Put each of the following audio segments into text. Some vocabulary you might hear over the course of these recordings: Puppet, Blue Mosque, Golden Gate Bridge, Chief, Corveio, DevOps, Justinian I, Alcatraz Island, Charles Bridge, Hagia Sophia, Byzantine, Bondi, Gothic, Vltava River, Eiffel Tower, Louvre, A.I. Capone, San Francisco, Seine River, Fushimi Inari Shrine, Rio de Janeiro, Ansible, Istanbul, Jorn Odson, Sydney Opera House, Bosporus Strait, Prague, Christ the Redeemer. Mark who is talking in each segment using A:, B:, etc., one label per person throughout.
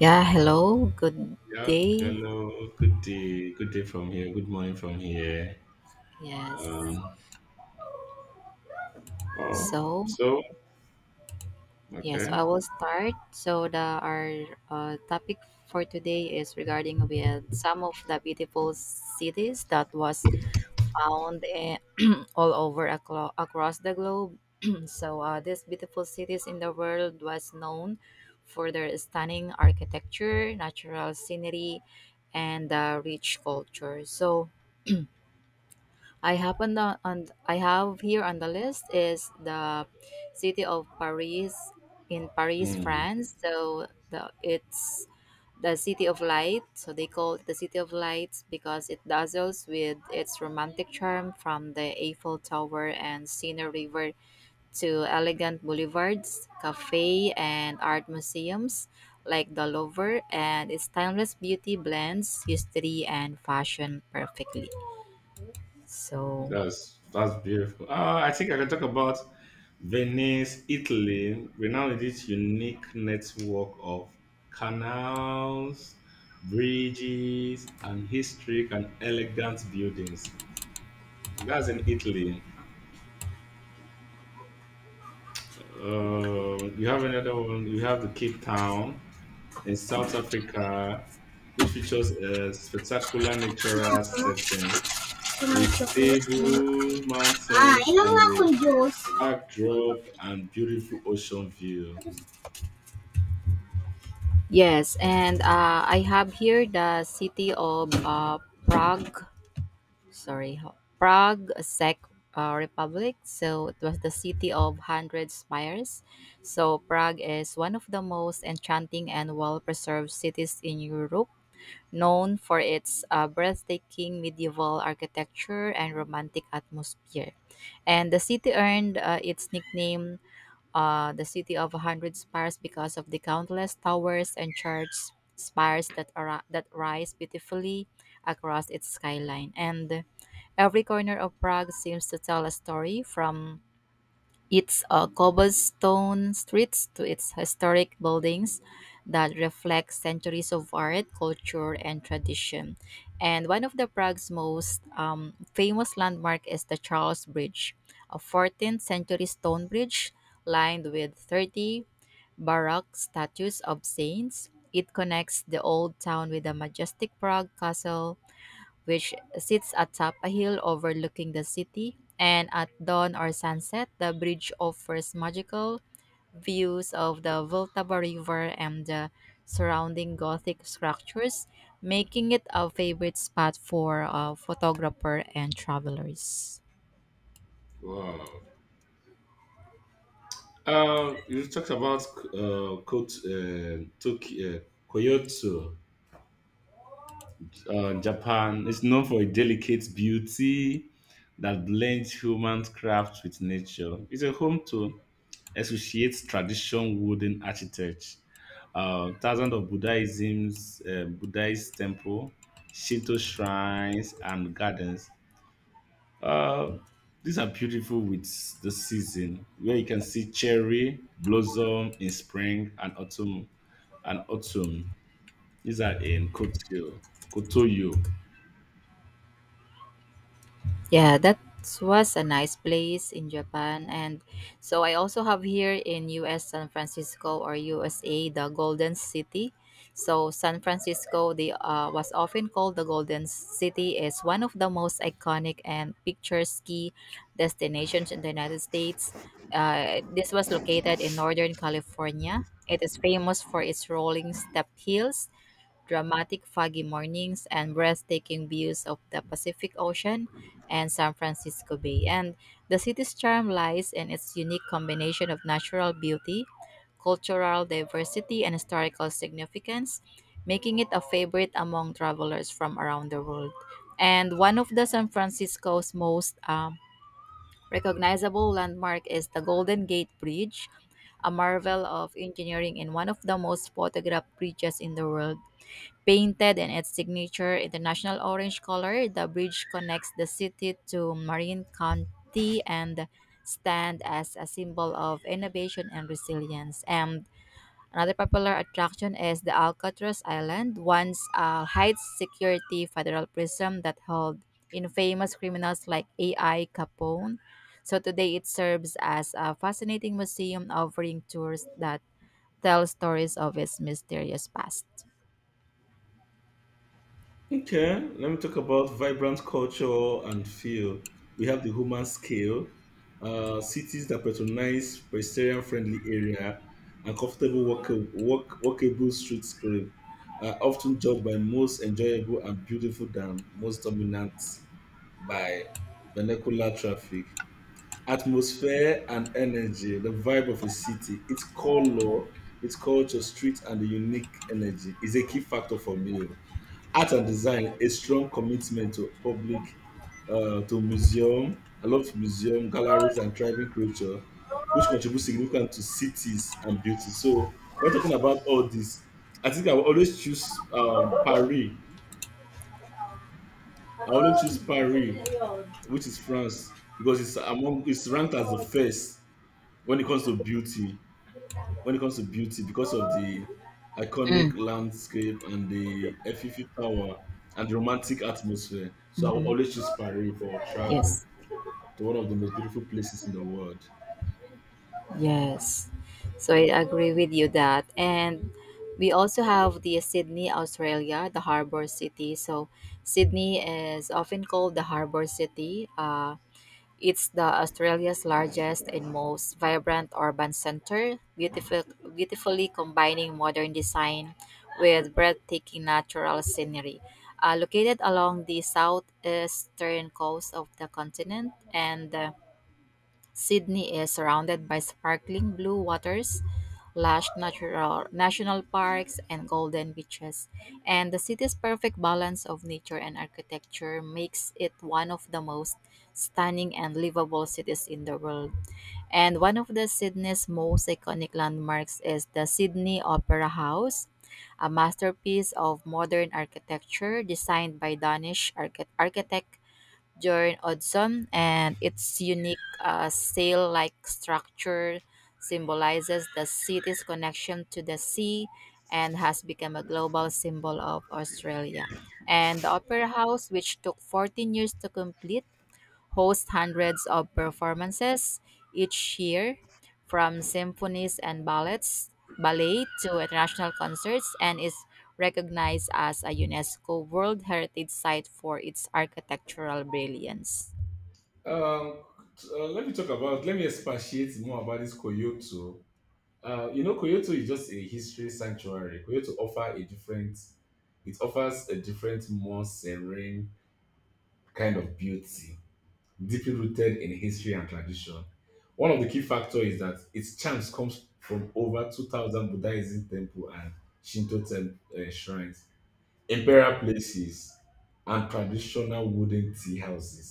A: Yeah, hello, good
B: Yeah,
A: day.
B: hello. Good day. Good day from here. Good morning from here.
A: Yes.
B: Um, oh,
A: So,
B: so
A: yeah. So
B: okay.
A: I will start. So, the our topic for today is regarding with some of the beautiful cities that was found all over across the globe. These beautiful cities in the world was known for their stunning architecture, natural scenery, and rich culture. So, I happen on I have here on the list is the city of Paris in Paris,
B: Hmm,
A: France. So the it's the city of light. So they call it the city of lights because it dazzles with its romantic charm from the Eiffel Tower and Seine River to elegant boulevards, cafe and art museums like the Louvre and its timeless beauty blends history and fashion perfectly. So
B: that's beautiful. I think I can talk about Venice, Italy, renowned in its unique network of canals, bridges, and historic and elegant buildings. That's in Italy. You have another one. You have the Cape Town in South Africa, which features a spectacular natural setting
A: too
B: with
A: much chocolate. Ayan.
B: stable
A: Ah,
B: mountains
A: inom
B: and
A: nga
B: a
A: akong juice.
B: backdrop and beautiful ocean view.
A: Yes, and I have here the city of Prague. Sorry, Prague Czech Republic. So it was the city of hundred spires. So Prague is one of the most enchanting and well-preserved cities in Europe, known for its breathtaking medieval architecture and romantic atmosphere. And the city earned its nickname the city of a hundred spires because of the countless towers and church spires that rise beautifully across its skyline. And every corner of Prague seems to tell a story from it's a cobblestone streets to its historic buildings that reflect centuries of art, culture, and tradition. And one of the Prague's most famous landmark is the Charles Bridge, a 14th century stone bridge lined with 30 baroque statues of saints. It connects the old town with the majestic Prague castle which sits atop a hill overlooking the city. And at dawn or sunset, the bridge offers magical views of the Vltava River and the surrounding Gothic structures, making it a favorite spot for photographer and travelers.
B: Wow. You talked about uh, Kot- uh, Tok- uh, Kyoto. Japan is known for a delicate beauty that blends human craft with nature. It's a home to associates tradition wooden architecture, thousands of Buddhism's Buddhist temple, Shinto shrines and gardens. Uh, these are beautiful with the season, where you can see cherry blossom in spring and autumn. And autumn. These are in Koto, Kotoyo.
A: Yeah, that was a nice place in Japan. And so I also have here in US San Francisco or USA the Golden City. So San Francisco, the was often called the Golden City, is one of the most iconic and picturesque destinations in the United States. This was located in Northern California. It is famous for its rolling step hills dramatic foggy mornings and breathtaking views of the Pacific Ocean and San Francisco Bay. And the city's charm lies in its unique combination of natural beauty, cultural diversity, and historical significance, making it a favorite among travelers from around the world. And one of the San Francisco's most recognizable landmark is the Golden Gate Bridge, a marvel of engineering and one of the most photographed bridges in the world. Painted in its signature international orange color, the bridge connects the city to Marin County and stands as a symbol of innovation and resilience. And another popular attraction is the Alcatraz Island, once a high security federal prison that held infamous criminals like A.I. Capone. So today it serves as a fascinating museum offering tours that tell stories of its mysterious past.
B: Okay, let me talk about vibrant culture and feel. We have the human scale, cities that patronize pedestrian-friendly area and comfortable walkable streetscape are often judged by most enjoyable and beautiful than most dominant by vernacular traffic atmosphere and energy, the vibe of a city, its color, its culture, street, and the unique energy is a key factor for me. Oh. Art and design, a strong commitment to public, to museum. I love museum, galleries, and thriving culture, which contribute significantly to cities and beauty. So when talking about all this, I think I will always choose Paris. I always choose Paris, which is France, because it's ranked as the first when it comes to beauty, when it comes to beauty, because of the
A: Mm.
B: iconic landscape and the Eiffel Tower and the romantic atmosphere. So I will
A: Mhm.
B: always choose Paris for travel
A: Yes,
B: to one of the most beautiful places in the world.
A: yes. So I agree with you that. And we also have the Sydney, Australia, the harbor city. So Sydney is often called the harbor city. It's the Australia's largest and most vibrant urban center, beautifully combining modern design with breathtaking natural scenery. Located along the southeastern coast of the continent and Sydney is surrounded by sparkling blue waters, lush natural, national parks, and golden beaches. And the city's perfect balance of nature and architecture makes it one of the most stunning and livable cities in the world. And one of the Sydney's most iconic landmarks is the Sydney Opera House, a masterpiece of modern architecture designed by Danish architect Jorn Odson, and its unique sail like structure symbolizes the city's connection to the sea and has become a global symbol of Australia. And the Opera House, which took 14 years to complete, hosts hundreds of performances each year, from symphonies and ballet to international concerts, and is recognized as a UNESCO World Heritage Site for its architectural brilliance.
B: Um, Let me talk about, let me expatiate more about this Kyoto. You know, Kyoto is just a history sanctuary. Kyoto offer a different, it offers a different, more serene kind of beauty, deeply rooted in history and tradition. One of the key factors is that its charms comes from over 2,000 Buddhism temple and Shinto temple, shrines, imperial places, and traditional wooden tea houses,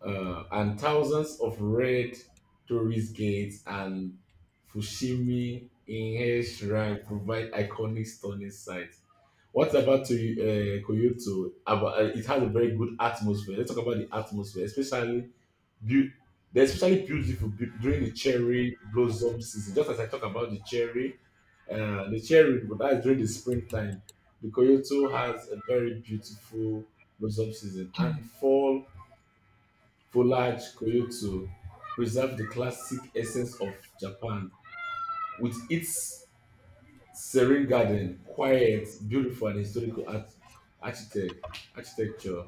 B: and thousands of red tourist gates and Fushimi Inhe Shrine provide iconic stunning sights. What about to Kyoto? About, it has a very good atmosphere. Let's talk about the atmosphere, especially Bu- they're especially beautiful during the cherry blossom season. Just as I talk about the cherry, but that is during the springtime. The Kyoto has a very beautiful blossom season, and fall foliage Kyoto preserves the classic essence of Japan with its serene garden, quiet, beautiful, and historical architecture.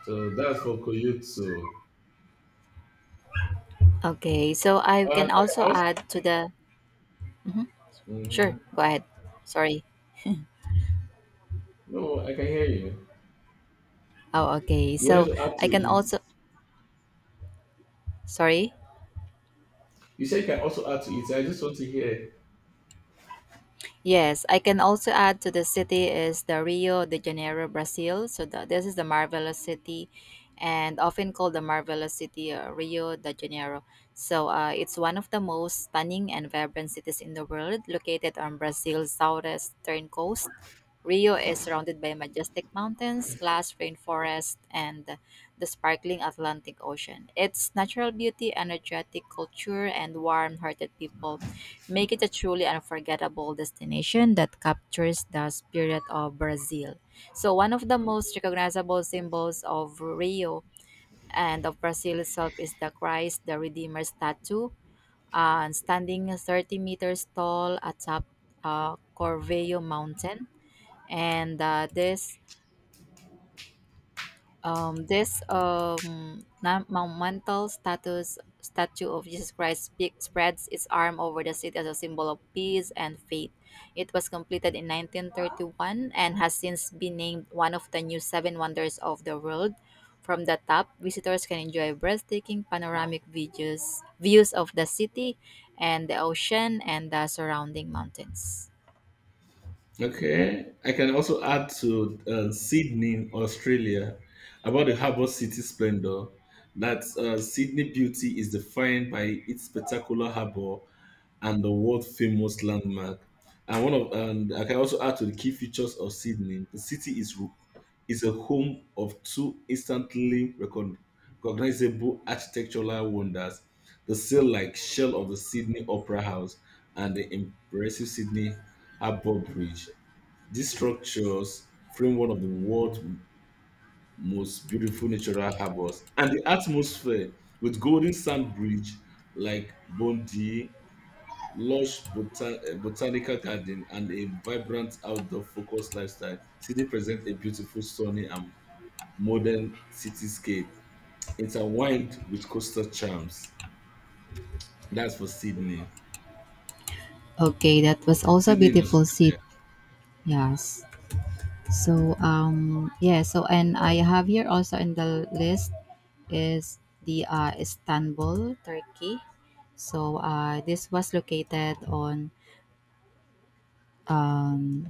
B: So that's for Kyoto.
A: Okay, so I
B: And I
A: can
B: can
A: also
B: also,
A: add to the. Mhm. Sure,
B: mhm.
A: go ahead. Sorry.
B: No, I can hear you.
A: Oh, okay.
B: You wanted
A: So
B: to add
A: I
B: to
A: can
B: it.
A: also. Sorry.
B: You said you can also add to it. I just want to hear.
A: Yes, I can also add to the city is the Rio de Janeiro, Brazil. This is the marvelous city, and often called the marvelous city Rio de Janeiro. So it's one of the most stunning and vibrant cities in the world, located on Brazil's southwestern coast. Rio is surrounded by majestic mountains, lush rainforest, and the sparkling Atlantic Ocean. Its natural beauty, energetic culture, and warm-hearted people make it a truly unforgettable destination that captures the spirit of Brazil. So, one of the most recognizable symbols of Rio and of Brazil itself is the Christ the Redeemer statue, standing 30 meters tall atop Corveio mountain. And this this na- Monumental status statue of Jesus Christ spreads its arm over the city as a symbol of peace and faith. It was completed in 1931 and has since been named one of the new seven wonders of the world. From the top, visitors can enjoy breathtaking panoramic views of the city and the ocean and the surrounding mountains.
B: Okay, I can also add to Sydney, Australia, about the harbour city splendor. That Sydney beauty is defined by its spectacular harbour and the world famous landmark. And one of, and I can also add to the key features of Sydney. The city is a home of two recognizable architectural wonders: the sail-like shell of the Sydney Opera House and the impressive Sydney Harbour Bridge. These structures frame one of the most beautiful natural harbors, and the atmosphere with golden sand bridge like Bondi, lush botanical garden, and a vibrant outdoor focused lifestyle, city presents a beautiful, sunny, and modern cityscape intertwined with coastal charms. That's for Sydney.
A: Okay, that was also a
B: Sydney in
A: beautiful
B: Australia.
A: seat. Yes. So and I have here also in the list is the Istanbul, Turkey. So this was located on um,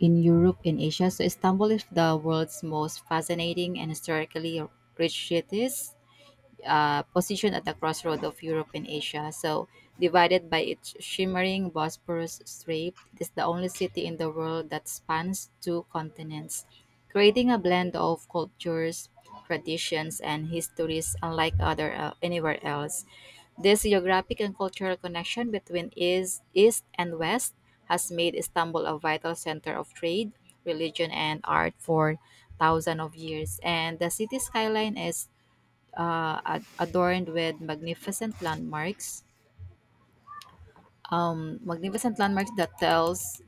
A: in Europe and Asia. So Istanbul is the world's most fascinating and historically rich cities positioned at the crossroad of Europe and Asia. So, divided by its shimmering Bosporus Strait, it is the only city in the world that spans two continents, creating a blend of cultures, traditions, and histories unlike other anywhere else. This geographic and cultural connection between East and West has made Istanbul a vital center of trade, religion, and art for thousands of years. And the city skyline is adorned with magnificent landmarks. Magnificent landmarks that tells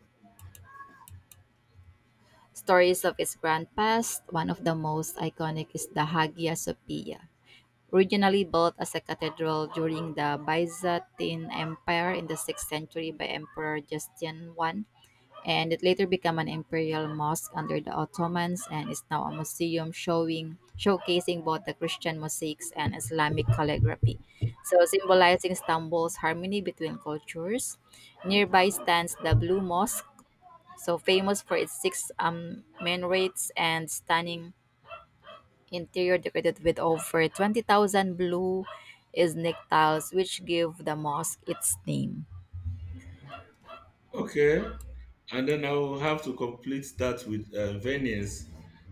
A: stories of its grand past. One of the most iconic is the Hagia Sophia, originally built as a cathedral during the Byzantine Empire in the 6th century by Emperor Justinian I, and it later became an imperial mosque under the Ottomans and is now a museum showing showcasing both the Christian mosaics and Islamic calligraphy, so symbolizing Istanbul's harmony between cultures. Nearby stands the Blue Mosque, so famous for its six minarets and stunning interior decorated with over 20,000 blue Islamic tiles, which give the mosque its name.
B: Okay. And then I will have to complete that with Venice,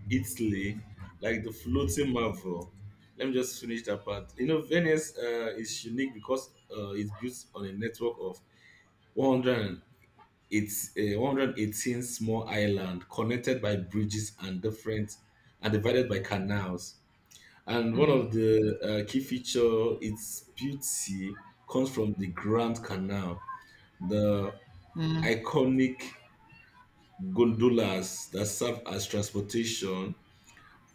B: Italy, like the floating marvel. Let me just finish that part. You know, Venice is unique because it's built on a network of 108, 118 small islands connected by bridges and different and divided by canals. And one
A: Mm.
B: of the key feature its beauty comes from the Grand Canal, the
A: Mm.
B: iconic gondolas that serve as transportation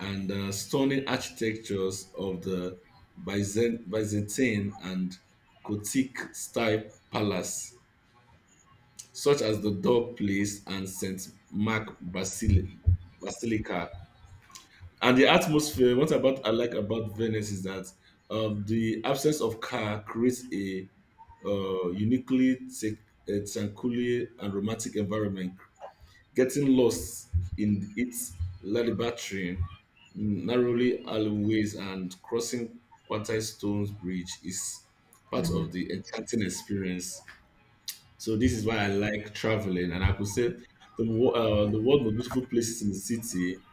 B: and stunning architectures of the Byzantine and Gothic style palace, such as the Door Place and St. Mark Basili- Basilica. And the atmosphere, what about I like about Venice is that the absence of car creates a uh, uniquely tech- a tranquil and romantic environment, getting lost in its labyrinthine, narrowly alleyways, and crossing quarter stones bridge is part of the enchanting experience. So this is why I like traveling, and I could say the the world most beautiful places in the city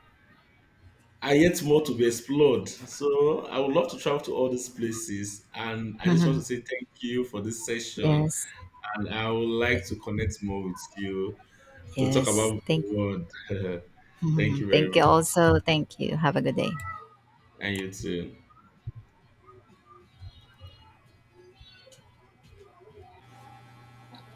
B: are yet more to be explored. So I would love to travel to all these places, and I just want to say thank you for this session,
A: Yes.
B: and I would like to connect more with you to talk
A: Yes.
B: about the
A: Thank.
B: world. Thank
A: Mhm.
B: you very
A: Thank you
B: much.
A: also. Thank you. Have a good day.
B: And you too.